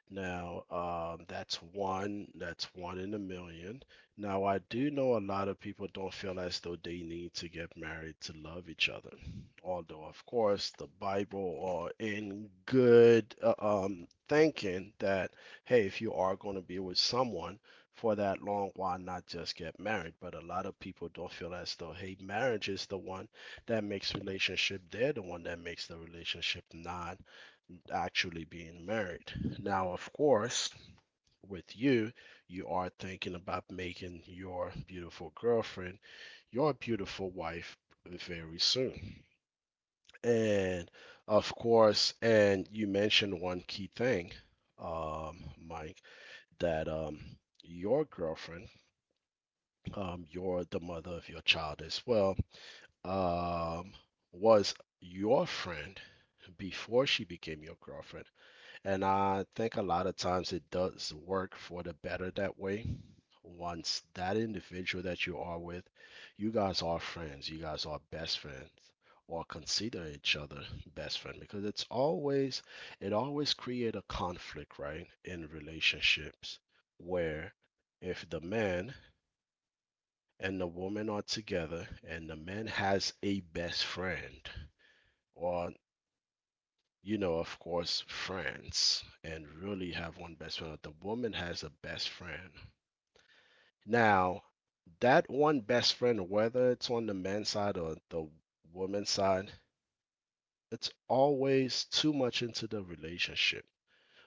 S1: Now, that's one in a million. Now, I do know a lot of people don't feel as though they need to get married to love each other. Although, of course, the Bible are in good thinking that, hey, if you are going to be with someone for that long, why not just get married? But a lot of people don't feel as though, hey, marriage is the one that makes relationship. They're the one that makes the relationship, not actually being married. Now, of course, with you, you are thinking about making your beautiful girlfriend your beautiful wife very soon. And of course, and you mentioned one key thing, Mike, that your girlfriend, you're the mother of your child as well, um, was your friend before she became your girlfriend. And I think a lot of times it does work for the better that way. Once that individual that you are with, you guys are friends, you guys are best friends, or consider each other best friend, because it always create a conflict, right, in relationships, where if the man and the woman are together and the man has a best friend, or, you know, of course, friends, and really have one best friend. The woman has a best friend. Now, that one best friend, whether it's on the man's side or the woman's side, it's always too much into the relationship,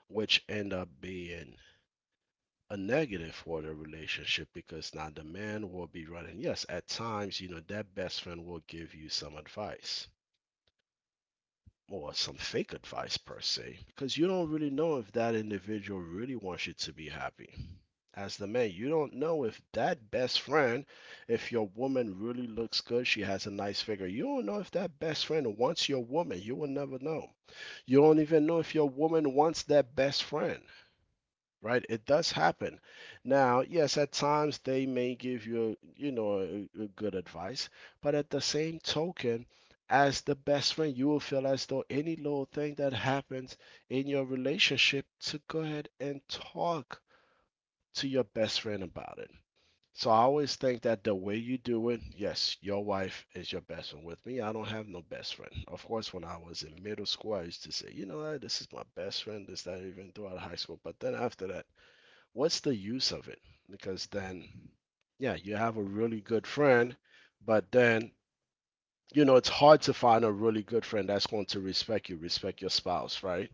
S1: which end up being a negative for the relationship, because now the man will be running. Yes, at times, you know, that best friend will give you some advice, or some fake advice per se, because you don't really know if that individual really wants you to be happy. As the man, you don't know if that best friend, if your woman really looks good, she has a nice figure, you don't know if that best friend wants your woman. You will never know. You don't even know if your woman wants that best friend, right? It does happen. Now, yes, at times they may give you, you know, a good advice, but at the same token, as the best friend, you will feel as though any little thing that happens in your relationship, to go ahead and talk to your best friend about it. So I always think that the way you do it, yes, your wife is your best friend. With me, I don't have no best friend. Of course, when I was in middle school, I used to say, you know what, this is my best friend, this, that, even throughout high school. But then after that, what's the use of it? Because then, yeah, you have a really good friend, but then, you know, it's hard to find a really good friend that's going to respect you, respect your spouse, right?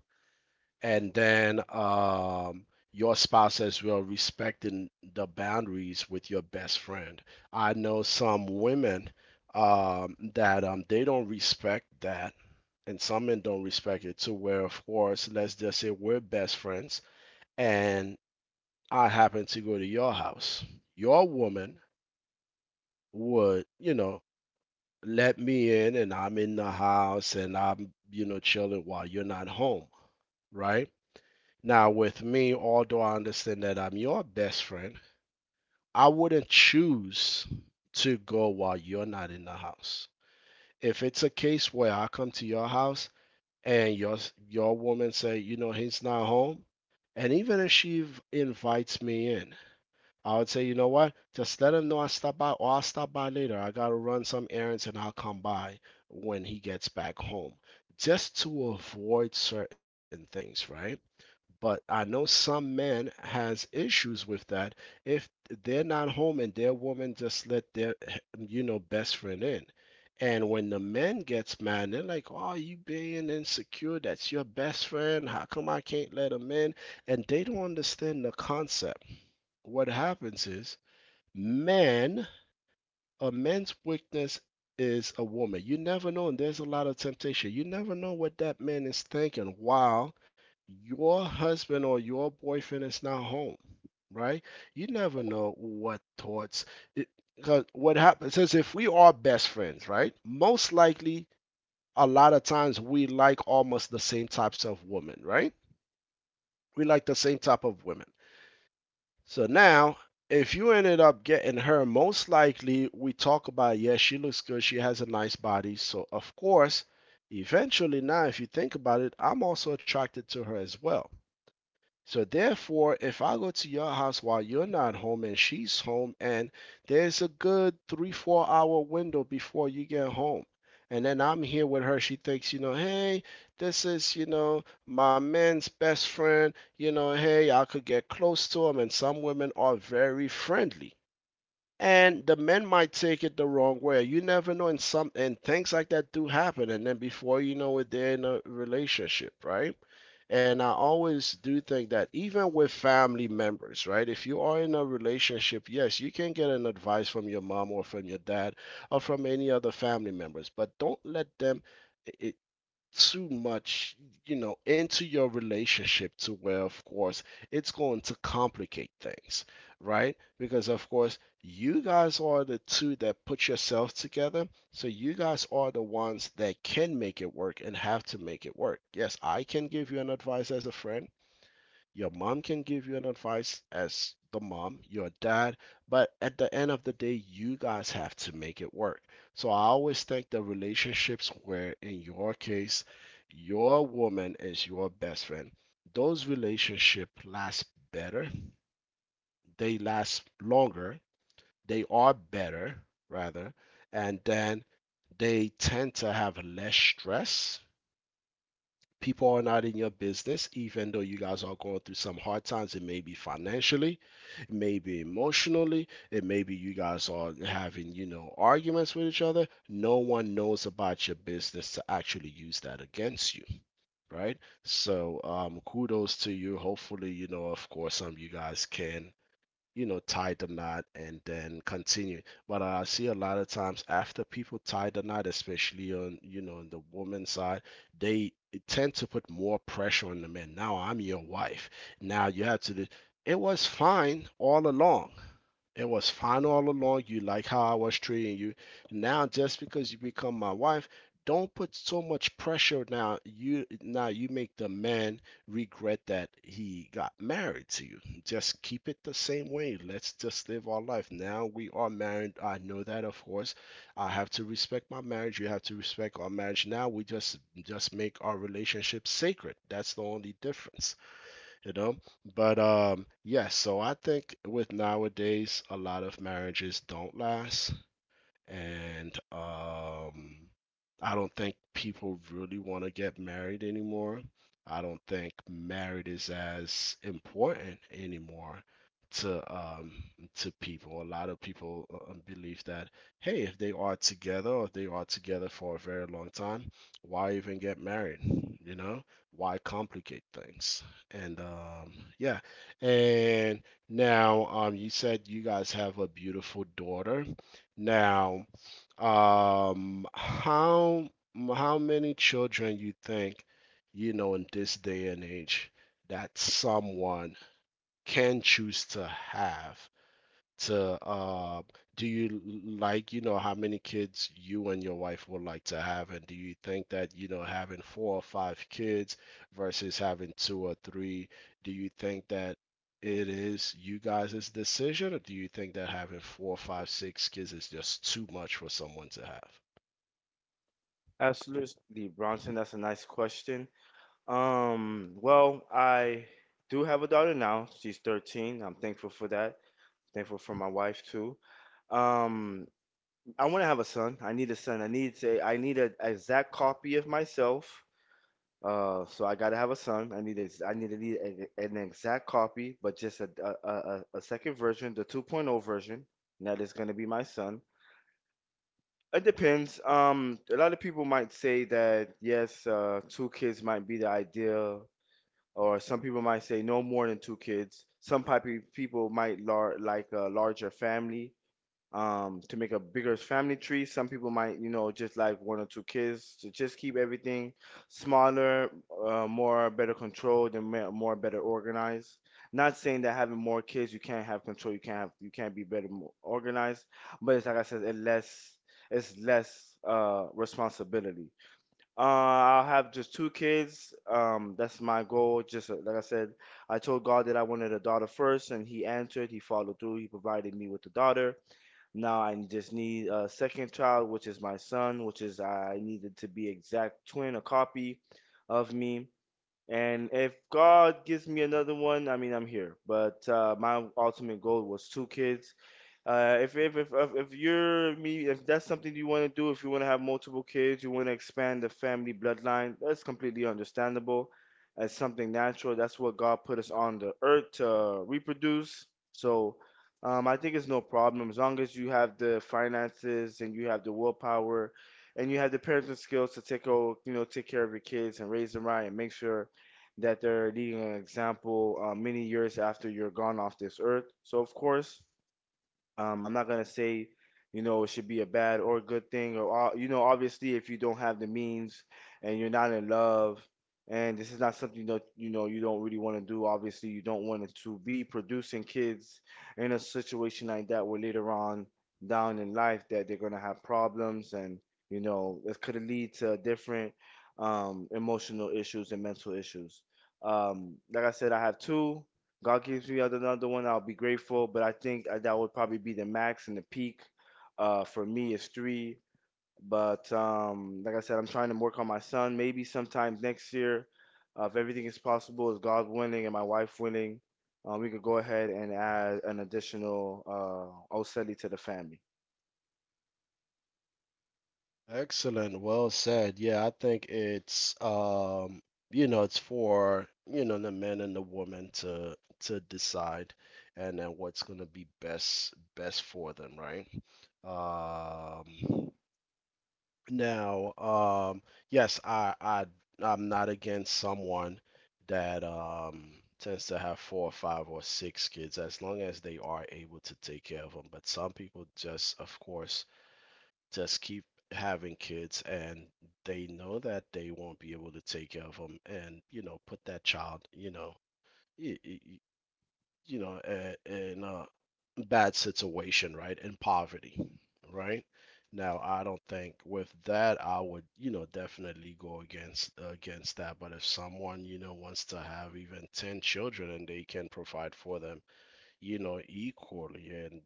S1: And then, your spouse as well respecting the boundaries with your best friend. I know some women, that, they don't respect that, and some men don't respect it, to where, of course, let's just say we're best friends, and I happen to go to your house. Your woman would, you know, let me in, and I'm in the house and I'm, you know, chilling while you're not home, right? Now, with me, although I understand that I'm your best friend, I wouldn't choose to go while you're not in the house. If it's a case where I come to your house, and your woman say, you know, he's not home, and even if she invites me in, I would say, you know what? Just let him know I stopped by, or I'll stop by later. I gotta run some errands and I'll come by when he gets back home. Just to avoid certain things, right? But I know some men has issues with that, if they're not home and their woman just let their, you know, best friend in. And when the men gets mad, they're like, "Oh, you being insecure? That's your best friend. How come I can't let him in?" And they don't understand the concept. What happens is, man, a man's weakness is a woman. You never know, and there's a lot of temptation. You never know what that man is thinking while your husband or your boyfriend is not home, right? You never know what thoughts. Because what happens is, if we are best friends, right? Most likely, a lot of times we like almost the same types of women, right? We like the same type of women. So now, if you ended up getting her, most likely we talk about, yes, yeah, she looks good, she has a nice body. So, of course, eventually, now, if you think about it, I'm also attracted to her as well. So therefore, if I go to your house while you're not home and she's home, and there's a good three, 4 hour window before you get home. And then I'm here with her. She thinks, you know, hey, this is, you know, my man's best friend. You know, hey, I could get close to him. And some women are very friendly. And the men might take it the wrong way. You never know, and some and things like that do happen. And then before you know it, they're in a relationship, right? And I always do think that even with family members, right? If you are in a relationship, yes, you can get an advice from your mom or from your dad, or from any other family members, but don't let them too much, you know, into your relationship, to where, of course, it's going to complicate things, right? Because, of course, you guys are the two that put yourselves together, so you guys are the ones that can make it work and have to make it work. Yes, I can give you an advice as a friend. Your mom can give you an advice as the mom, your dad, but at the end of the day, you guys have to make it work. So I always think the relationships where, in your case, your woman is your best friend, those relationships last better, they last longer, they are better, rather, and then they tend to have less stress. People are not in your business, even though you guys are going through some hard times. It may be financially, it may be emotionally, it may be you guys are having, arguments with each other. No one knows about your business to actually use that against you, right? So, kudos to you. Hopefully, you know, of course, some of you guys can, you know, tie the knot and then continue. But I see a lot of times after people tie the knot, especially on, you know, on the woman's side, they tend to put more pressure on the men. Now I'm your wife. Now you have to do. It was fine all along. It was fine all along. You like how I was treating you. Now, just because you become my wife, don't put so much pressure. Now you make the man regret that he got married to you. Just keep it the same way. Let's just live our life. Now we are married. I know that, of course. I have to respect my marriage. You have to respect our marriage. Now we just make our relationship sacred. That's the only difference, you know. But yeah, so I think with nowadays a lot of marriages don't last, and I don't think people really want to get married anymore. I don't think married is as important anymore to um, to people. A lot of people believe that, hey, if they are together or if they are together for a very long time, why even get married? You know, why complicate things? And um, yeah, and now, you said you guys have a beautiful daughter. Now, how many children you think, you know, in this day and age that someone can choose to have to, uh, do you like, you know, how many kids you and your wife would like to have, and do you think that, you know, having four or five kids versus having two or three, do you think that it is you guys' decision, or do you think that having four five six kids is just too much for someone to have?
S2: Absolutely, Bronson, that's a nice question. Well, I do have a daughter now. She's 13. I'm thankful for that. Thankful for my wife too. Um, I want to have a son. I need a son. I need an exact copy of myself. So I gotta have a son. I need a, I need to need a, an exact copy, but just a second version, the 2.0 version. And that is gonna be my son. It depends. A lot of people might say that yes, two kids might be the ideal or some people might say no more than two kids. Some people might like a larger family to make a bigger family tree. Some people might, you know, just like one or two kids to just keep everything smaller, more better controlled, and more better organized. Not saying that having more kids you can't have control, you can't have, you can't be better organized, but it's like I said, it's less responsibility. I'll have just two kids. That's my goal. Just like I said, I told God that I wanted a daughter first, and He answered. He followed through. He provided me with a daughter. Now I just need a second child, which is my son, which is I needed to be exact twin, a copy of me. And if God gives me another one, I mean, I'm here. But my ultimate goal was two kids. If you're me, if that's something you want to do, if you want to have multiple kids, you want to expand the family bloodline, that's completely understandable. It's something natural. That's what God put us on the earth to reproduce. So, I think it's no problem as long as you have the finances and you have the willpower, and you have the parenting skills to take you know take care of your kids and raise them right and make sure that they're leading an example many years after you're gone off this earth. So of course. I'm not gonna say, you know, it should be a bad or good thing, or you know, obviously, if you don't have the means and you're not in love, and this is not something that, you know, you don't really want to do. Obviously, you don't want to be producing kids in a situation like that, where later on down in life that they're gonna have problems, and you know, it could lead to different emotional issues and mental issues. Like I said, I have two. God gives me another one, I'll be grateful. But I think that would probably be the max and the peak. For me, is three. But like I said, I'm trying to work on my son. Maybe sometime next year, if everything is possible, is God winning and my wife winning, we could go ahead and add an additional Oseli to the family.
S1: Excellent. Well said. Yeah, I think it's, you know, it's for, you know, the men and the women to decide and then what's gonna be best for them, right? Um now, yes, I I'm not against someone that tends to have four or five or six kids as long as they are able to take care of them. But some people just, of course, just keep having kids and they know that they won't be able to take care of them, and you know, put that child, you know, y- y- y- you know, in a bad situation, right, in poverty, right. Now I don't think with that I would, you know, definitely go against that. But if someone, you know, wants to have even 10 children and they can provide for them, you know, equally. And,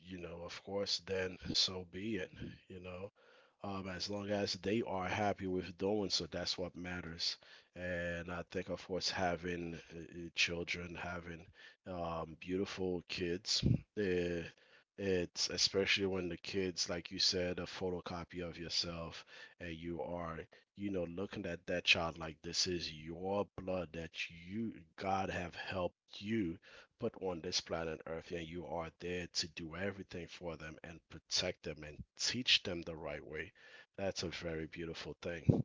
S1: you know, of course, then so be it, you know. As long as they are happy with doing so, that's what matters. And I think, of course, having children, having beautiful kids, uh, it's especially when the kids, like you said, a photocopy of yourself, and you are, you know, looking at that child like this is your blood that you, God have helped you put on this planet Earth, and you are there to do everything for them and protect them and teach them the right way. That's a very beautiful thing.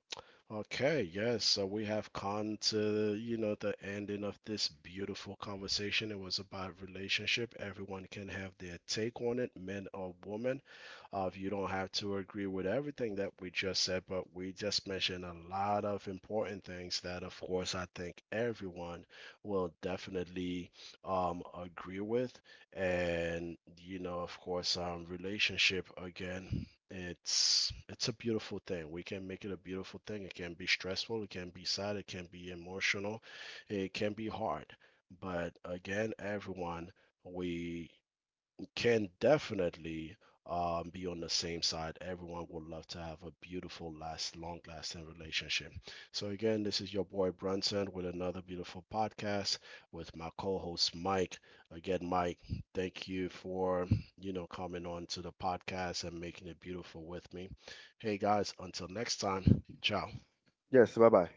S1: Okay, yes, so we have come to, you know, the ending of this beautiful conversation. It was about relationship. Everyone can have their take on it, men or women. You don't have to agree with everything that we just said, but we just mentioned a lot of important things that, of course, I think everyone will definitely agree with. And you know, of course, relationship again, it's a beautiful thing. We can make it a beautiful thing. It can be stressful, it can be sad, it can be emotional, it can be hard. But again, everyone, we can definitely, be on the same side. Everyone would love to have a beautiful, last, long-lasting relationship. So again, this is your boy Brunson with another beautiful podcast with my co-host Mike. Again, Mike, thank you for you know coming on to the podcast and making it beautiful with me. Hey guys, until next time, ciao.
S2: Yes. Bye bye.